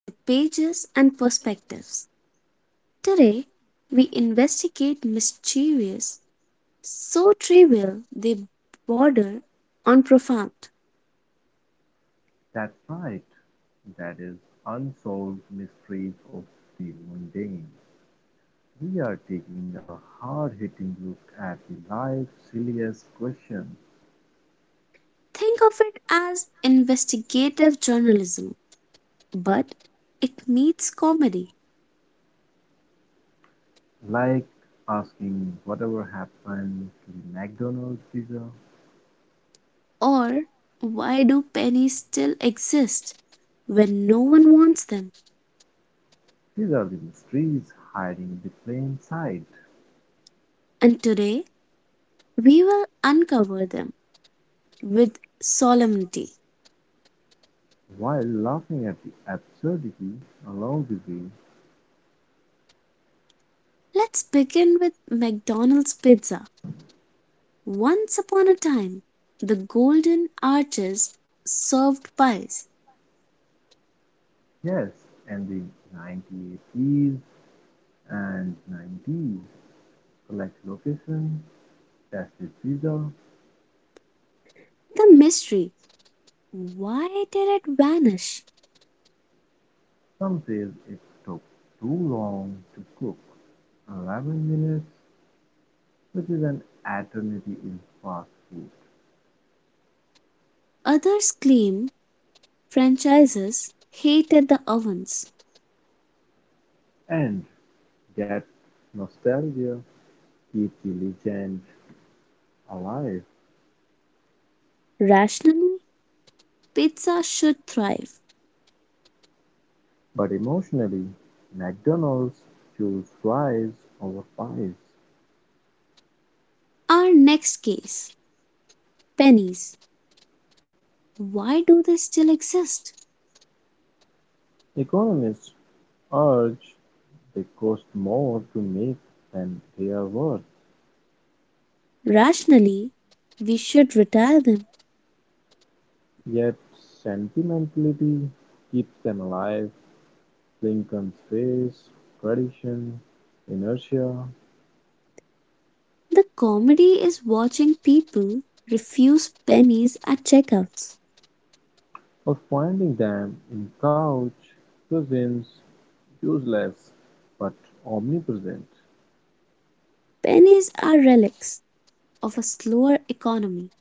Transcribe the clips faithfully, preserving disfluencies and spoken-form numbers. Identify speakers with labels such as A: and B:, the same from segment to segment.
A: to Pages and Perspectives. Today, we investigate mysterious, so trivial they border on profound.
B: That's right, that is Unsolved Mysteries of the Mundane. We are taking a hard hitting look at the life's silliest questions,
A: Think of it as investigative journalism, but it meets comedy.
B: like asking whatever happened to the McDonald's pizza.
A: Or why do pennies still exist when no one wants them?
B: These are the mysteries hiding in the plain sight,
A: And today, we will uncover them with solemnity.
B: while laughing at the absurdity along the way.
A: Let's begin with McDonald's pizza. Once upon a time the golden arches served pies.
B: Yes, and the nineteen eighties and nineties select location, tested pizza.
A: The mystery! Why did it vanish?
B: Some says it took too long to cook, eleven minutes, which is an eternity in fast food.
A: Others claim franchises hated the ovens.
B: And yet, nostalgia keeps the legend alive.
A: Rationally, pizza should thrive.
B: But emotionally, McDonald's chose fries over pies.
A: Our next case, pennies. Why do they still exist?
B: Economists urge they cost more to make than they are worth,
A: Rationally, we should retire them.
B: yet sentimentality keeps them alive. Lincoln's face, tradition, inertia
A: The comedy is watching people refuse pennies at checkouts.
B: of finding them in couch cushions, useless but omnipresent,
A: Pennies are relics of a slower economy.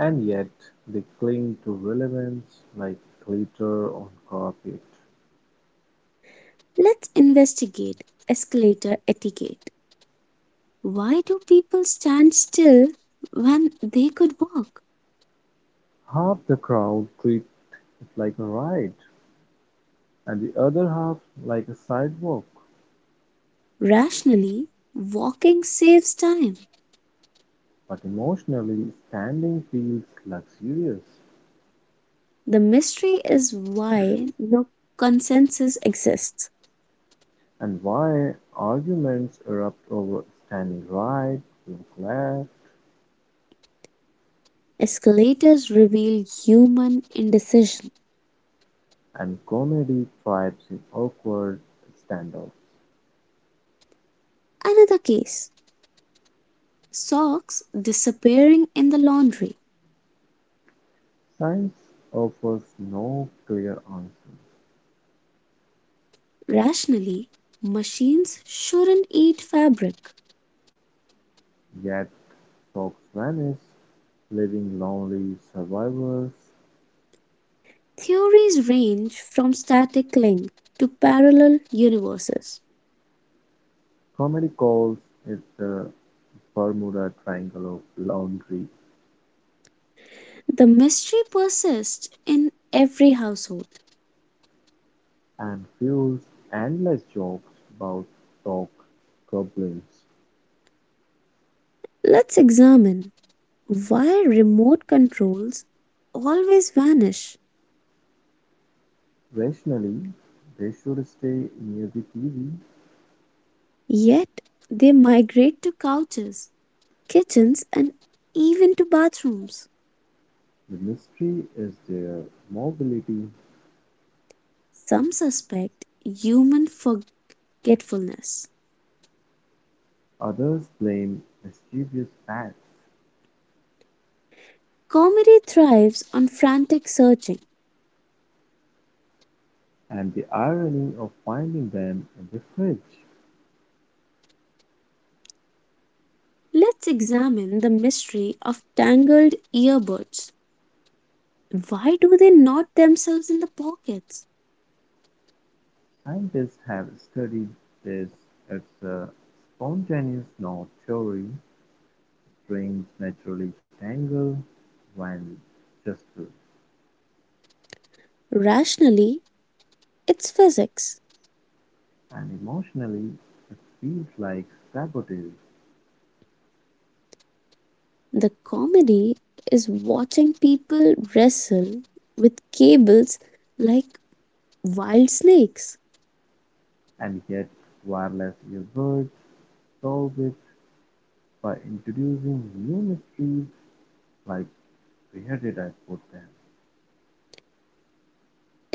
B: and yet they cling to relevance like glitter on carpet.
A: Let's investigate escalator etiquette. Why do people stand still when they could walk?
B: Half the crowd treat it like a ride, and the other half like a sidewalk,
A: Rationally, walking saves time.
B: but emotionally standing feels luxurious.
A: The mystery is why no consensus exists.
B: And why arguments erupt over standing right, look left,
A: Escalators reveal human indecision.
B: and comedy thrives in awkward standoffs.
A: Another case, socks disappearing in the laundry.
B: Science offers no clear answer.
A: Rationally, machines shouldn't eat fabric.
B: Yet, folks vanish, leaving lonely survivors.
A: Theories range from static link to parallel universes.
B: Comedy calls it the Bermuda Triangle of laundry
A: The mystery persists in every household.
B: and fuels endless jokes about dog goblins.
A: Let's examine why remote controls always vanish,
B: Rationally, they should stay near the T V;
A: yet they migrate to couches, kitchens, and even to bathrooms.
B: the mystery is their mobility,
A: Some suspect human forgetfulness.
B: others blame mischievous bats,
A: Comedy thrives on frantic searching.
B: and the irony of finding them in the fridge.
A: Let's examine the mystery of tangled earbuds. Why do they knot themselves in the pockets?
B: Scientists have studied this. It's a spontaneous knot theory. Strings naturally tangle when jostled,
A: Rationally, it's physics.
B: and emotionally it feels like sabotage.
A: The comedy is watching people wrestle with cables like wild snakes.
B: And yet wireless earbuds solve it by introducing new mysteries like where did I put them?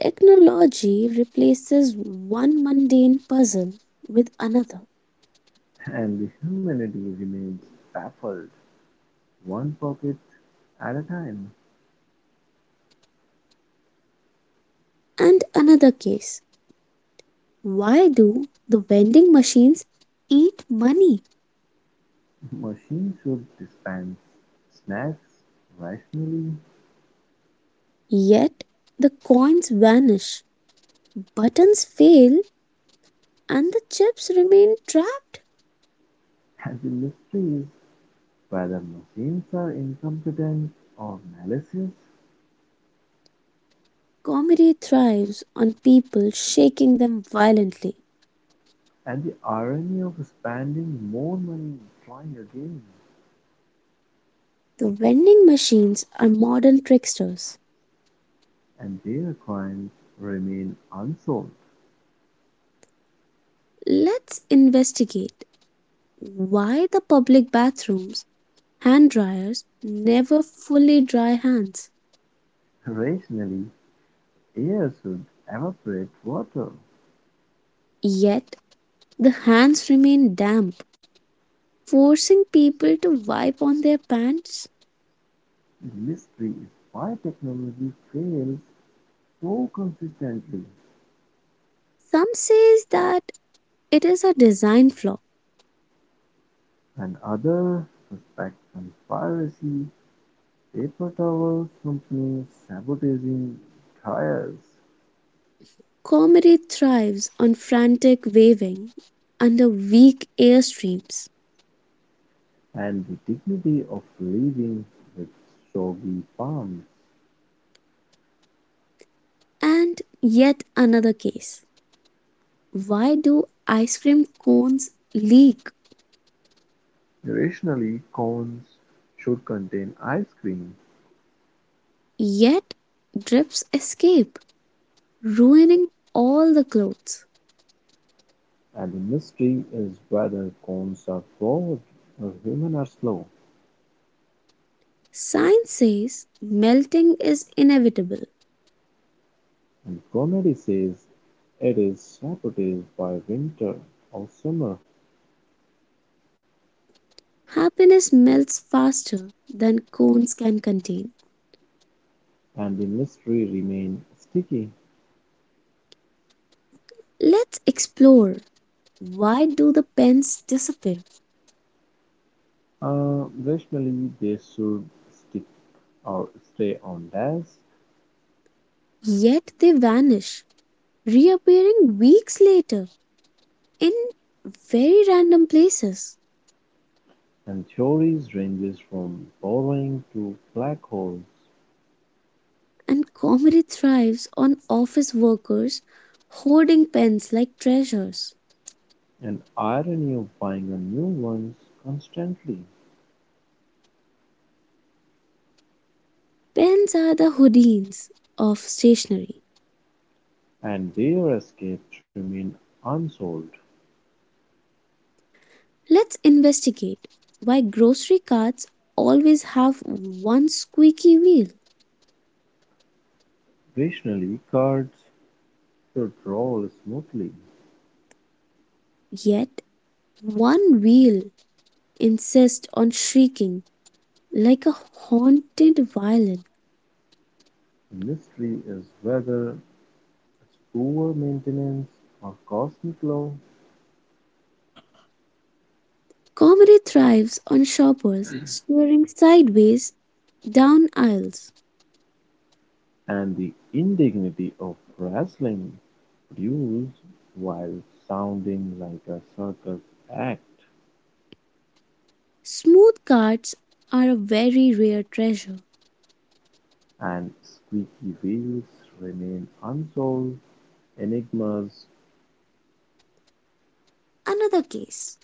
A: Technology replaces one mundane puzzle with another.
B: And the humanity remains baffled, one pocket at a time.
A: And another case, why do the vending machines eat money?
B: Machines should dispense snacks rationally,
A: Yet the coins vanish. Buttons fail and the chips remain trapped.
B: and the mystery is whether machines are incompetent or malicious,
A: Comedy thrives on people shaking them violently.
B: and the irony of spending more money trying again,
A: The vending machines are modern tricksters.
B: and their crimes remain unsolved.
A: Let's investigate why the public bathrooms hand dryers never fully dry hands.
B: Rationally, air should evaporate water.
A: Yet the hands remain damp, forcing people to wipe on their pants.
B: The mystery is why technology fails so consistently.
A: Some says that it is a design flaw.
B: Another suspect conspiracy, paper towels company sabotaging tires,
A: Comedy thrives on frantic waving under weak airstreams.
B: and the dignity of living with soggy palms.
A: And yet another case. Why do ice cream cones leak,
B: Irrationally, cones should contain ice cream,
A: yet drips escape, ruining all the clothes?
B: and the mystery is whether cones are bored or human are slow.
A: Science says melting is inevitable.
B: Montgomery says it is saboted by winter or summer
A: Happiness melts faster than cones can contain.
B: and the mystery remains sticky.
A: Let's explore why do the pens disappear,
B: Uh, rationally, they should stick or stay on desk,
A: yet they vanish, reappearing weeks later in very random places.
B: and theories ranges from borrowing to black holes,
A: And comedy thrives on office workers hoarding pens like treasures.
B: and irony of buying a new ones constantly,
A: Pens are the Houdins of stationery.
B: and their escapes remain unsolved.
A: Let's investigate why grocery carts always have one squeaky wheel,
B: Rationally, cards should roll smoothly.
A: yet one wheel insists on shrieking like a haunted violin.
B: The mystery is whether its poor maintenance of cosmic law
A: Comedy thrives on shoppers staring sideways down aisles.
B: and the indignity of wrestling produced, while sounding like a circus act
A: Smooth carts are a very rare treasure.
B: and squeaky wheels, remain unsolved enigmas.
A: Another case.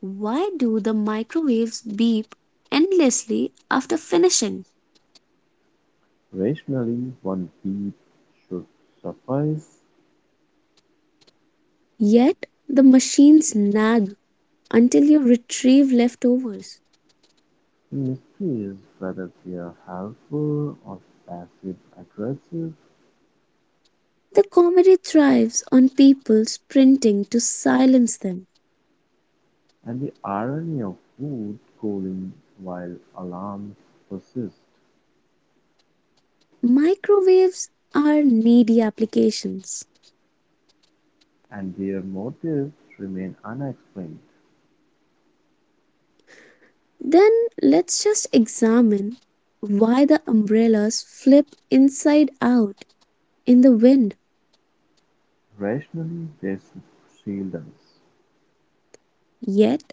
A: Why do the microwaves beep endlessly after finishing?
B: Rationally one beat should suffice.
A: Yet the machines nag until you retrieve leftovers.
B: The mystery is whether they are helpful or passive-aggressive.
A: The comedy thrives on people sprinting to silence them.
B: And the irony of food cooling while alarms persist
A: Microwaves are needy applications.
B: and their motives remain unexplained.
A: Then let's just examine why the umbrellas flip inside out in the wind,
B: Rationally, they shield us.
A: yet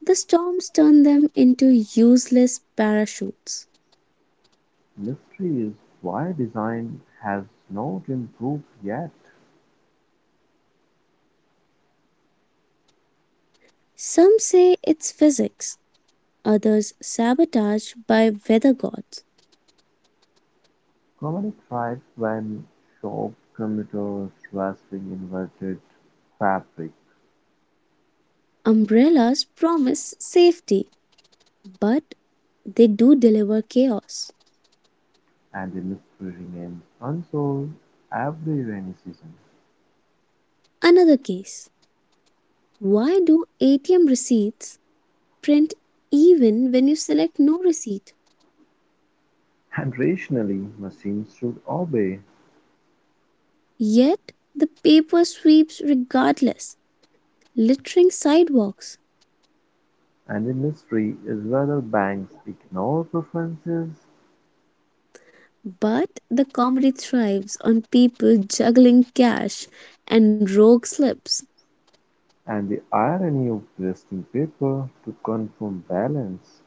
A: the storms turn them into useless parachutes.
B: Mystery is why design has not improved yet.
A: Some say it's physics, others sabotage by weather gods.
B: Comedy thrives when sharp commuters wrestling inverted fabric
A: Umbrellas promise safety, but they do deliver chaos.
B: and the mystery remains unsolved every rainy season.
A: Another case, why do A T M receipts print even when you select no receipt?
B: And rationally, machines should obey.
A: Yet the paper sweeps regardless, littering sidewalks.
B: And the mystery is whether banks ignore preferences
A: But the comedy thrives on people juggling cash and rogue slips.
B: and the irony of wasting paper to confirm balance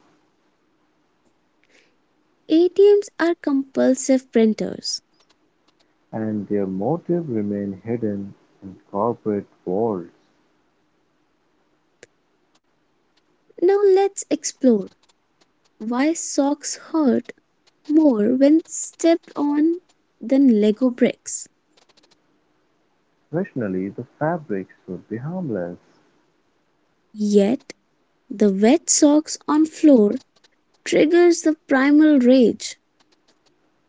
A: A T Ms are compulsive printers.
B: and their motive remain hidden in corporate worlds.
A: Now let's explore why socks hurt more when stepped on than Lego bricks.
B: Rationally, the fabric should be harmless,
A: Yet the wet socks on floor triggers the primal rage.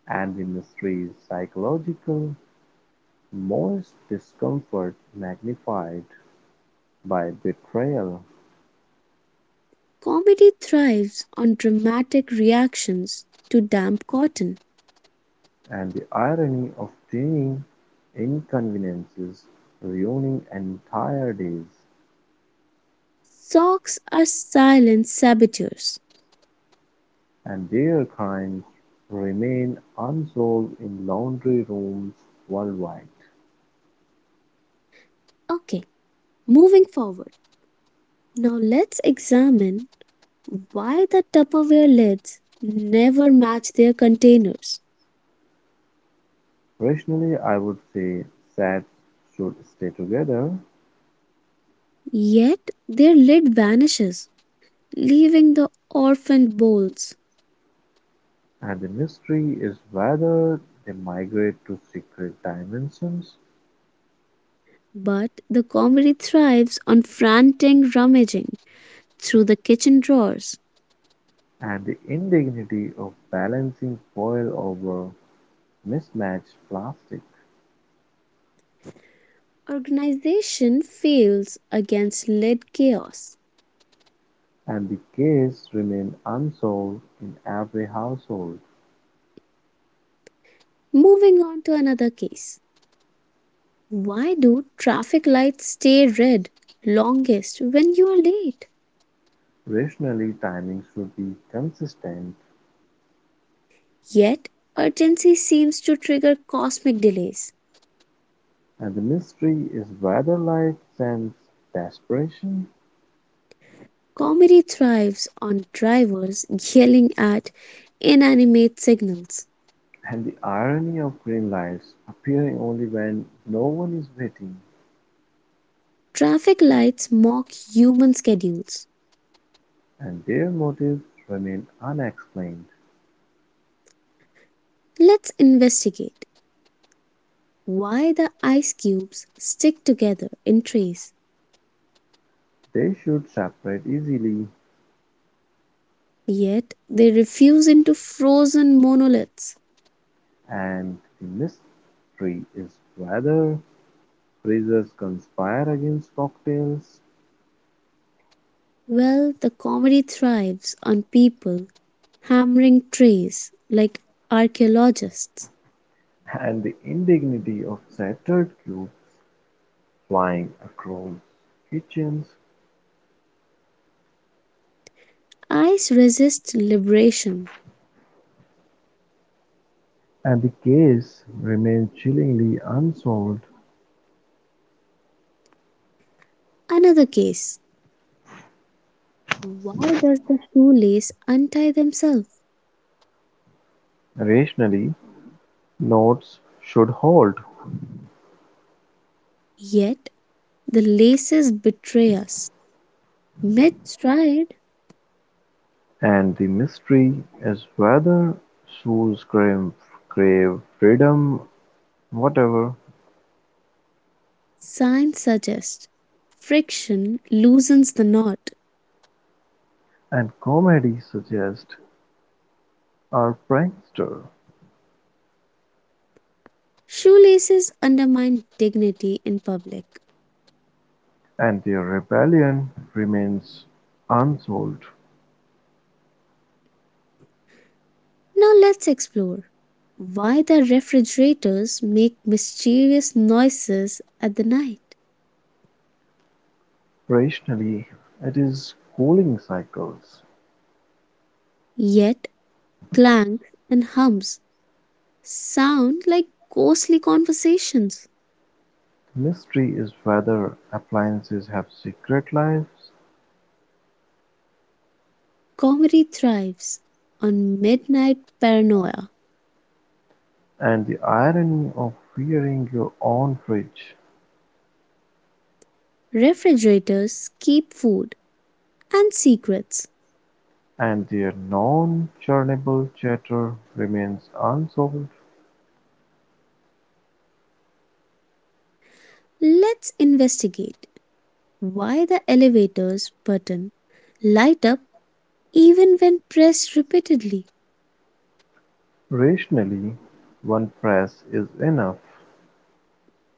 B: and the mystery is psychological, moist discomfort magnified by betrayal
A: Comedy thrives on dramatic reactions to damp cotton.
B: and the irony of tiny inconveniences ruining entire days.
A: Socks are silent saboteurs.
B: And their crimes remain unsolved in laundry rooms worldwide.
A: Okay, moving forward. Now let's examine why the Tupperware lids never match their containers.
B: Rationally, I would say sets should stay together,
A: Yet their lid vanishes, leaving the orphaned bowls.
B: and the mystery is whether they migrate to secret dimensions
A: But the comedy thrives on frantic rummaging through the kitchen drawers.
B: and the indignity of balancing foil over mismatched plastic.
A: Organization fails against lead chaos.
B: And the case remain unsolved in every household.
A: Moving on to another case. Why do traffic lights stay red longest when you are late?
B: Rationally, timing should be consistent.
A: Yet, urgency seems to trigger cosmic delays.
B: And the mystery is whether light sends desperation,
A: Comedy thrives on drivers yelling at inanimate signals.
B: and the irony of green lights appearing only when no one is waiting,
A: Traffic lights mock human schedules.
B: and their motives remain unexplained.
A: Let's investigate why the ice cubes stick together in trees.
B: They should separate easily,
A: Yet they refuse into frozen monoliths.
B: and the mystery is whether freezers conspire against cocktails,
A: Well, the comedy thrives on people hammering trees like archaeologists.
B: and the indignity of shattered cube flying across kitchens,
A: Ice resists liberation.
B: and the case remains chillingly unsolved.
A: Another case. Why does the shoelace untie themselves?
B: Rationally, notes should hold,
A: Yet the laces betray us. Mid-stride,
B: and the mystery is whether Sue's grave grave freedom, whatever,
A: science suggests friction loosens the knot.
B: and comedy suggest are prankster,
A: Shoelaces undermine dignity in public.
B: and their rebellion remains unsolved.
A: Now let's explore why the refrigerators make mysterious noises at the night,
B: Rationally, it is cooling cycles.
A: yet clanks and hums sound like ghostly conversations.
B: The mystery is whether appliances have secret lives,
A: Comedy thrives on midnight paranoia.
B: and the irony of wearing your own fridge.
A: Refrigerators keep food and secrets.
B: And their non-churnable chatter remains unsolved.
A: Let's investigate why the elevator's button light up even when pressed repeatedly.
B: Rationally, one press is enough,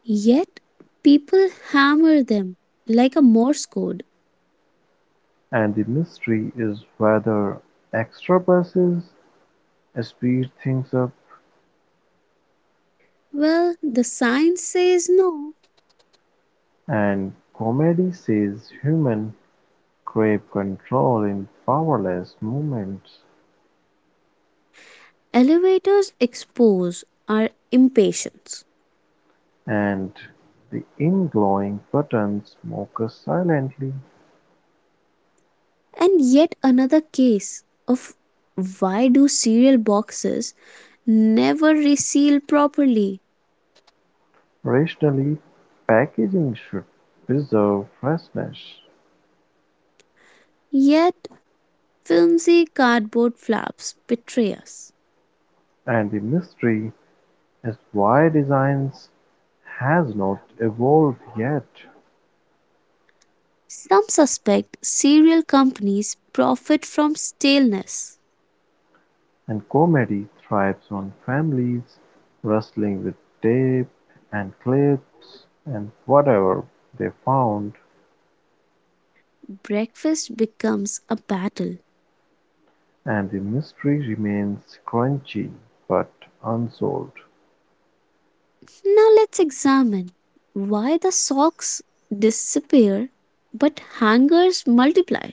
A: Yet people hammer them like a Morse code.
B: and the mystery is whether extra presses speed things up,
A: Well, the science says no.
B: and comedy says human crave control in powerless moments,
A: Elevators expose our impatience.
B: and the in-glowing buttons mock us silently.
A: And yet another case of why do cereal boxes never reseal properly?
B: Rationally, packaging should preserve freshness,
A: Yet filmy cardboard flaps betray us.
B: and the mystery as Y Designs has not evolved yet,
A: Some suspect cereal companies profit from staleness.
B: and comedy thrives on families wrestling with tape and clips and whatever they found,
A: Breakfast becomes a battle.
B: and the mystery remains crunchy but unsolved.
A: Now let's examine why the socks disappear but hangers multiply.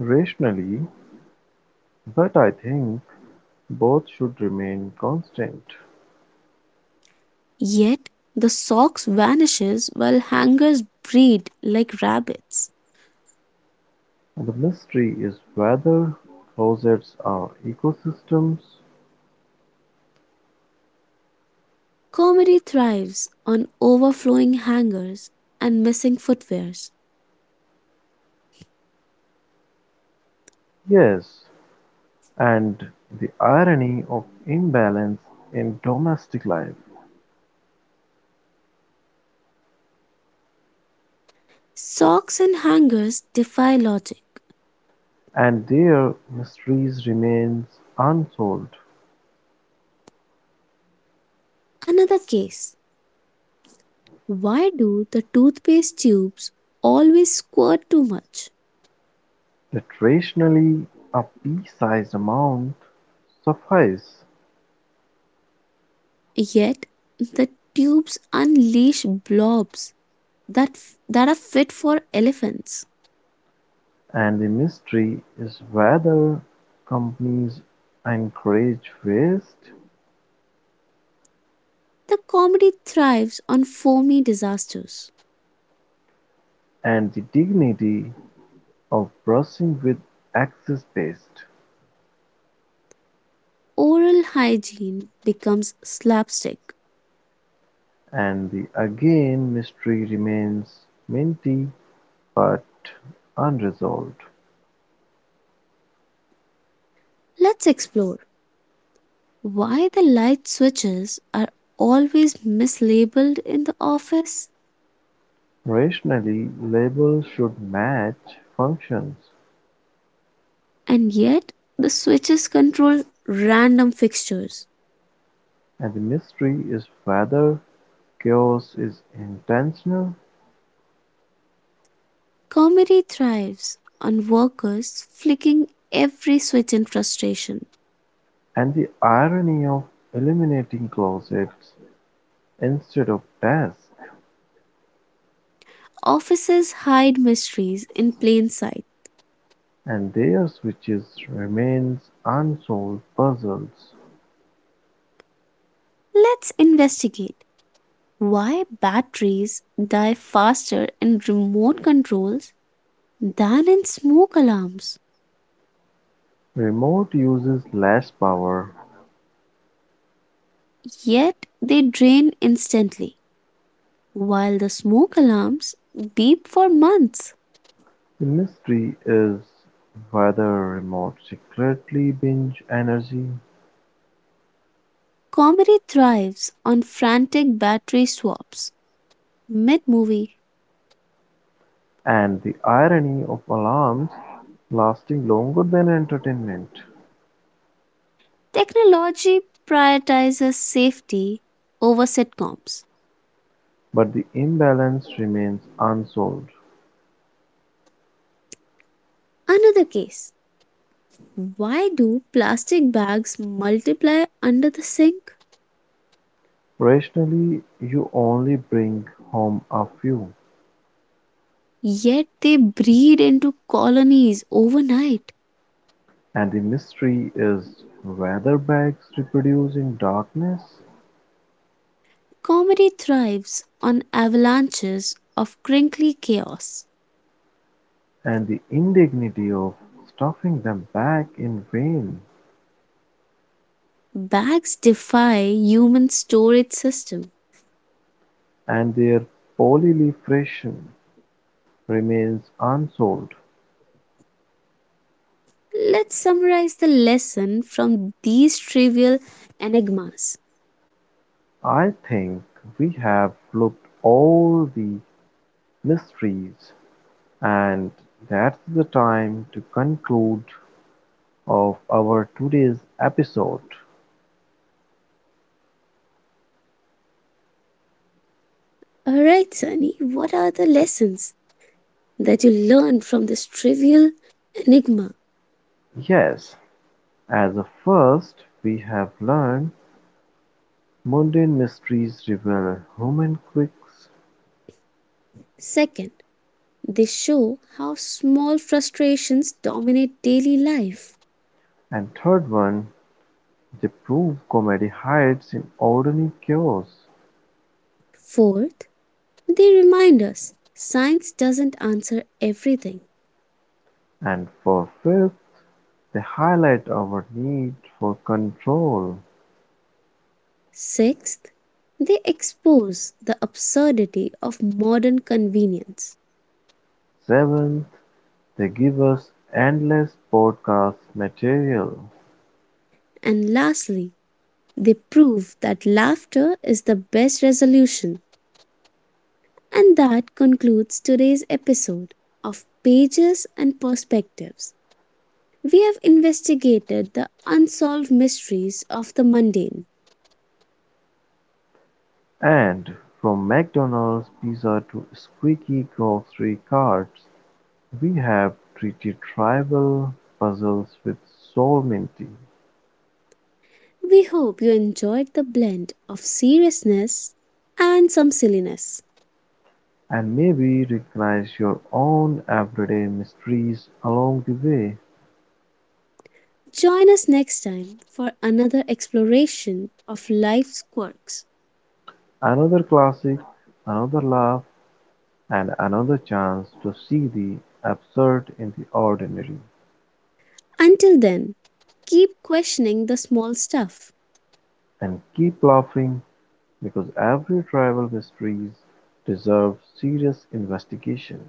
B: Rationally, but I think both should remain constant.
A: Yet the socks vanishes while hangers breed like rabbits.
B: The mystery is whether closets are ecosystems.
A: Comedy thrives on overflowing hangers and missing footwears.
B: Yes. And the irony of imbalance in domestic life
A: Socks and hangers defy logic.
B: and their mysteries remains unsolved.
A: Another case. Why do the toothpaste tubes always squirt too much?
B: Yet rationally a pea-sized amount suffices,
A: Yet the tubes unleash blobs that's, that are fit for elephants.
B: and the mystery is whether companies encourage waste
A: The comedy thrives on foamy disasters.
B: and the dignity of brushing with excess waste.
A: Oral hygiene becomes slapstick.
B: And the again mystery remains minty but unresolved.
A: Let's explore why the light switches are always mislabeled in the office,
B: Rationally, labels should match functions,
A: and yet the switches control random fixtures.
B: and the mystery is whether chaos is intentional
A: Comedy thrives on workers flicking every switch in frustration.
B: and the irony of eliminating closets instead of desks
A: Offices hide mysteries in plain sight.
B: and their switches remains unsolved puzzles.
A: Let's investigate why batteries die faster in remote controls than in smoke alarms?
B: Remote uses less power.
A: Yet they drain instantly, while the smoke alarms beep for months.
B: The mystery is whether remote secretly binge energy.
A: Comedy thrives on frantic battery swaps mid movie,
B: And the irony of alarms lasting longer than entertainment.
A: technology prioritizes safety over sitcoms.
B: But the imbalance remains unsolved.
A: Another case, why do plastic bags multiply under the sink?
B: Rationally, you only bring home a few,
A: Yet they breed into colonies overnight.
B: and the mystery is whether bags reproduce in darkness
A: Comedy thrives on avalanches of crinkly chaos.
B: and the indignity of stuffing them back in vain
A: Bags defy human storage system.
B: and their polyleafration remains unsolved.
A: Let's summarize the lesson from these trivial enigmas.
B: I think we have looked all the mysteries. And that's the time to conclude of our today's episode.
A: All right, Sunny, what are the lessons that you learned from this trivial enigma?
B: Yes, as a first, we have learned mundane mysteries reveal human quirks,
A: Second, they show how small frustrations dominate daily life.
B: and third one, they prove comedy hides in ordinary chaos,
A: Fourth, they remind us science doesn't answer everything.
B: and for fifth, they highlight our need for control.
A: Sixth, they expose the absurdity of modern convenience.
B: Seventh, they give us endless podcast material.
A: And lastly, they prove that laughter is the best resolution. And that concludes today's episode of Pages and Perspectives. We have investigated the unsolved mysteries of the mundane.
B: And from McDonald's pizza to squeaky grocery carts, we have treated tribal puzzles with solemnity,
A: We hope you enjoyed the blend of seriousness and some silliness.
B: and maybe recognize your own everyday mysteries along the way.
A: Join us next time for another exploration of life's quirks.
B: Another classic, another laugh, and another chance to see the absurd in the ordinary.
A: Until then, keep questioning the small stuff.
B: And keep laughing because every tribal mystery deserves serious investigation.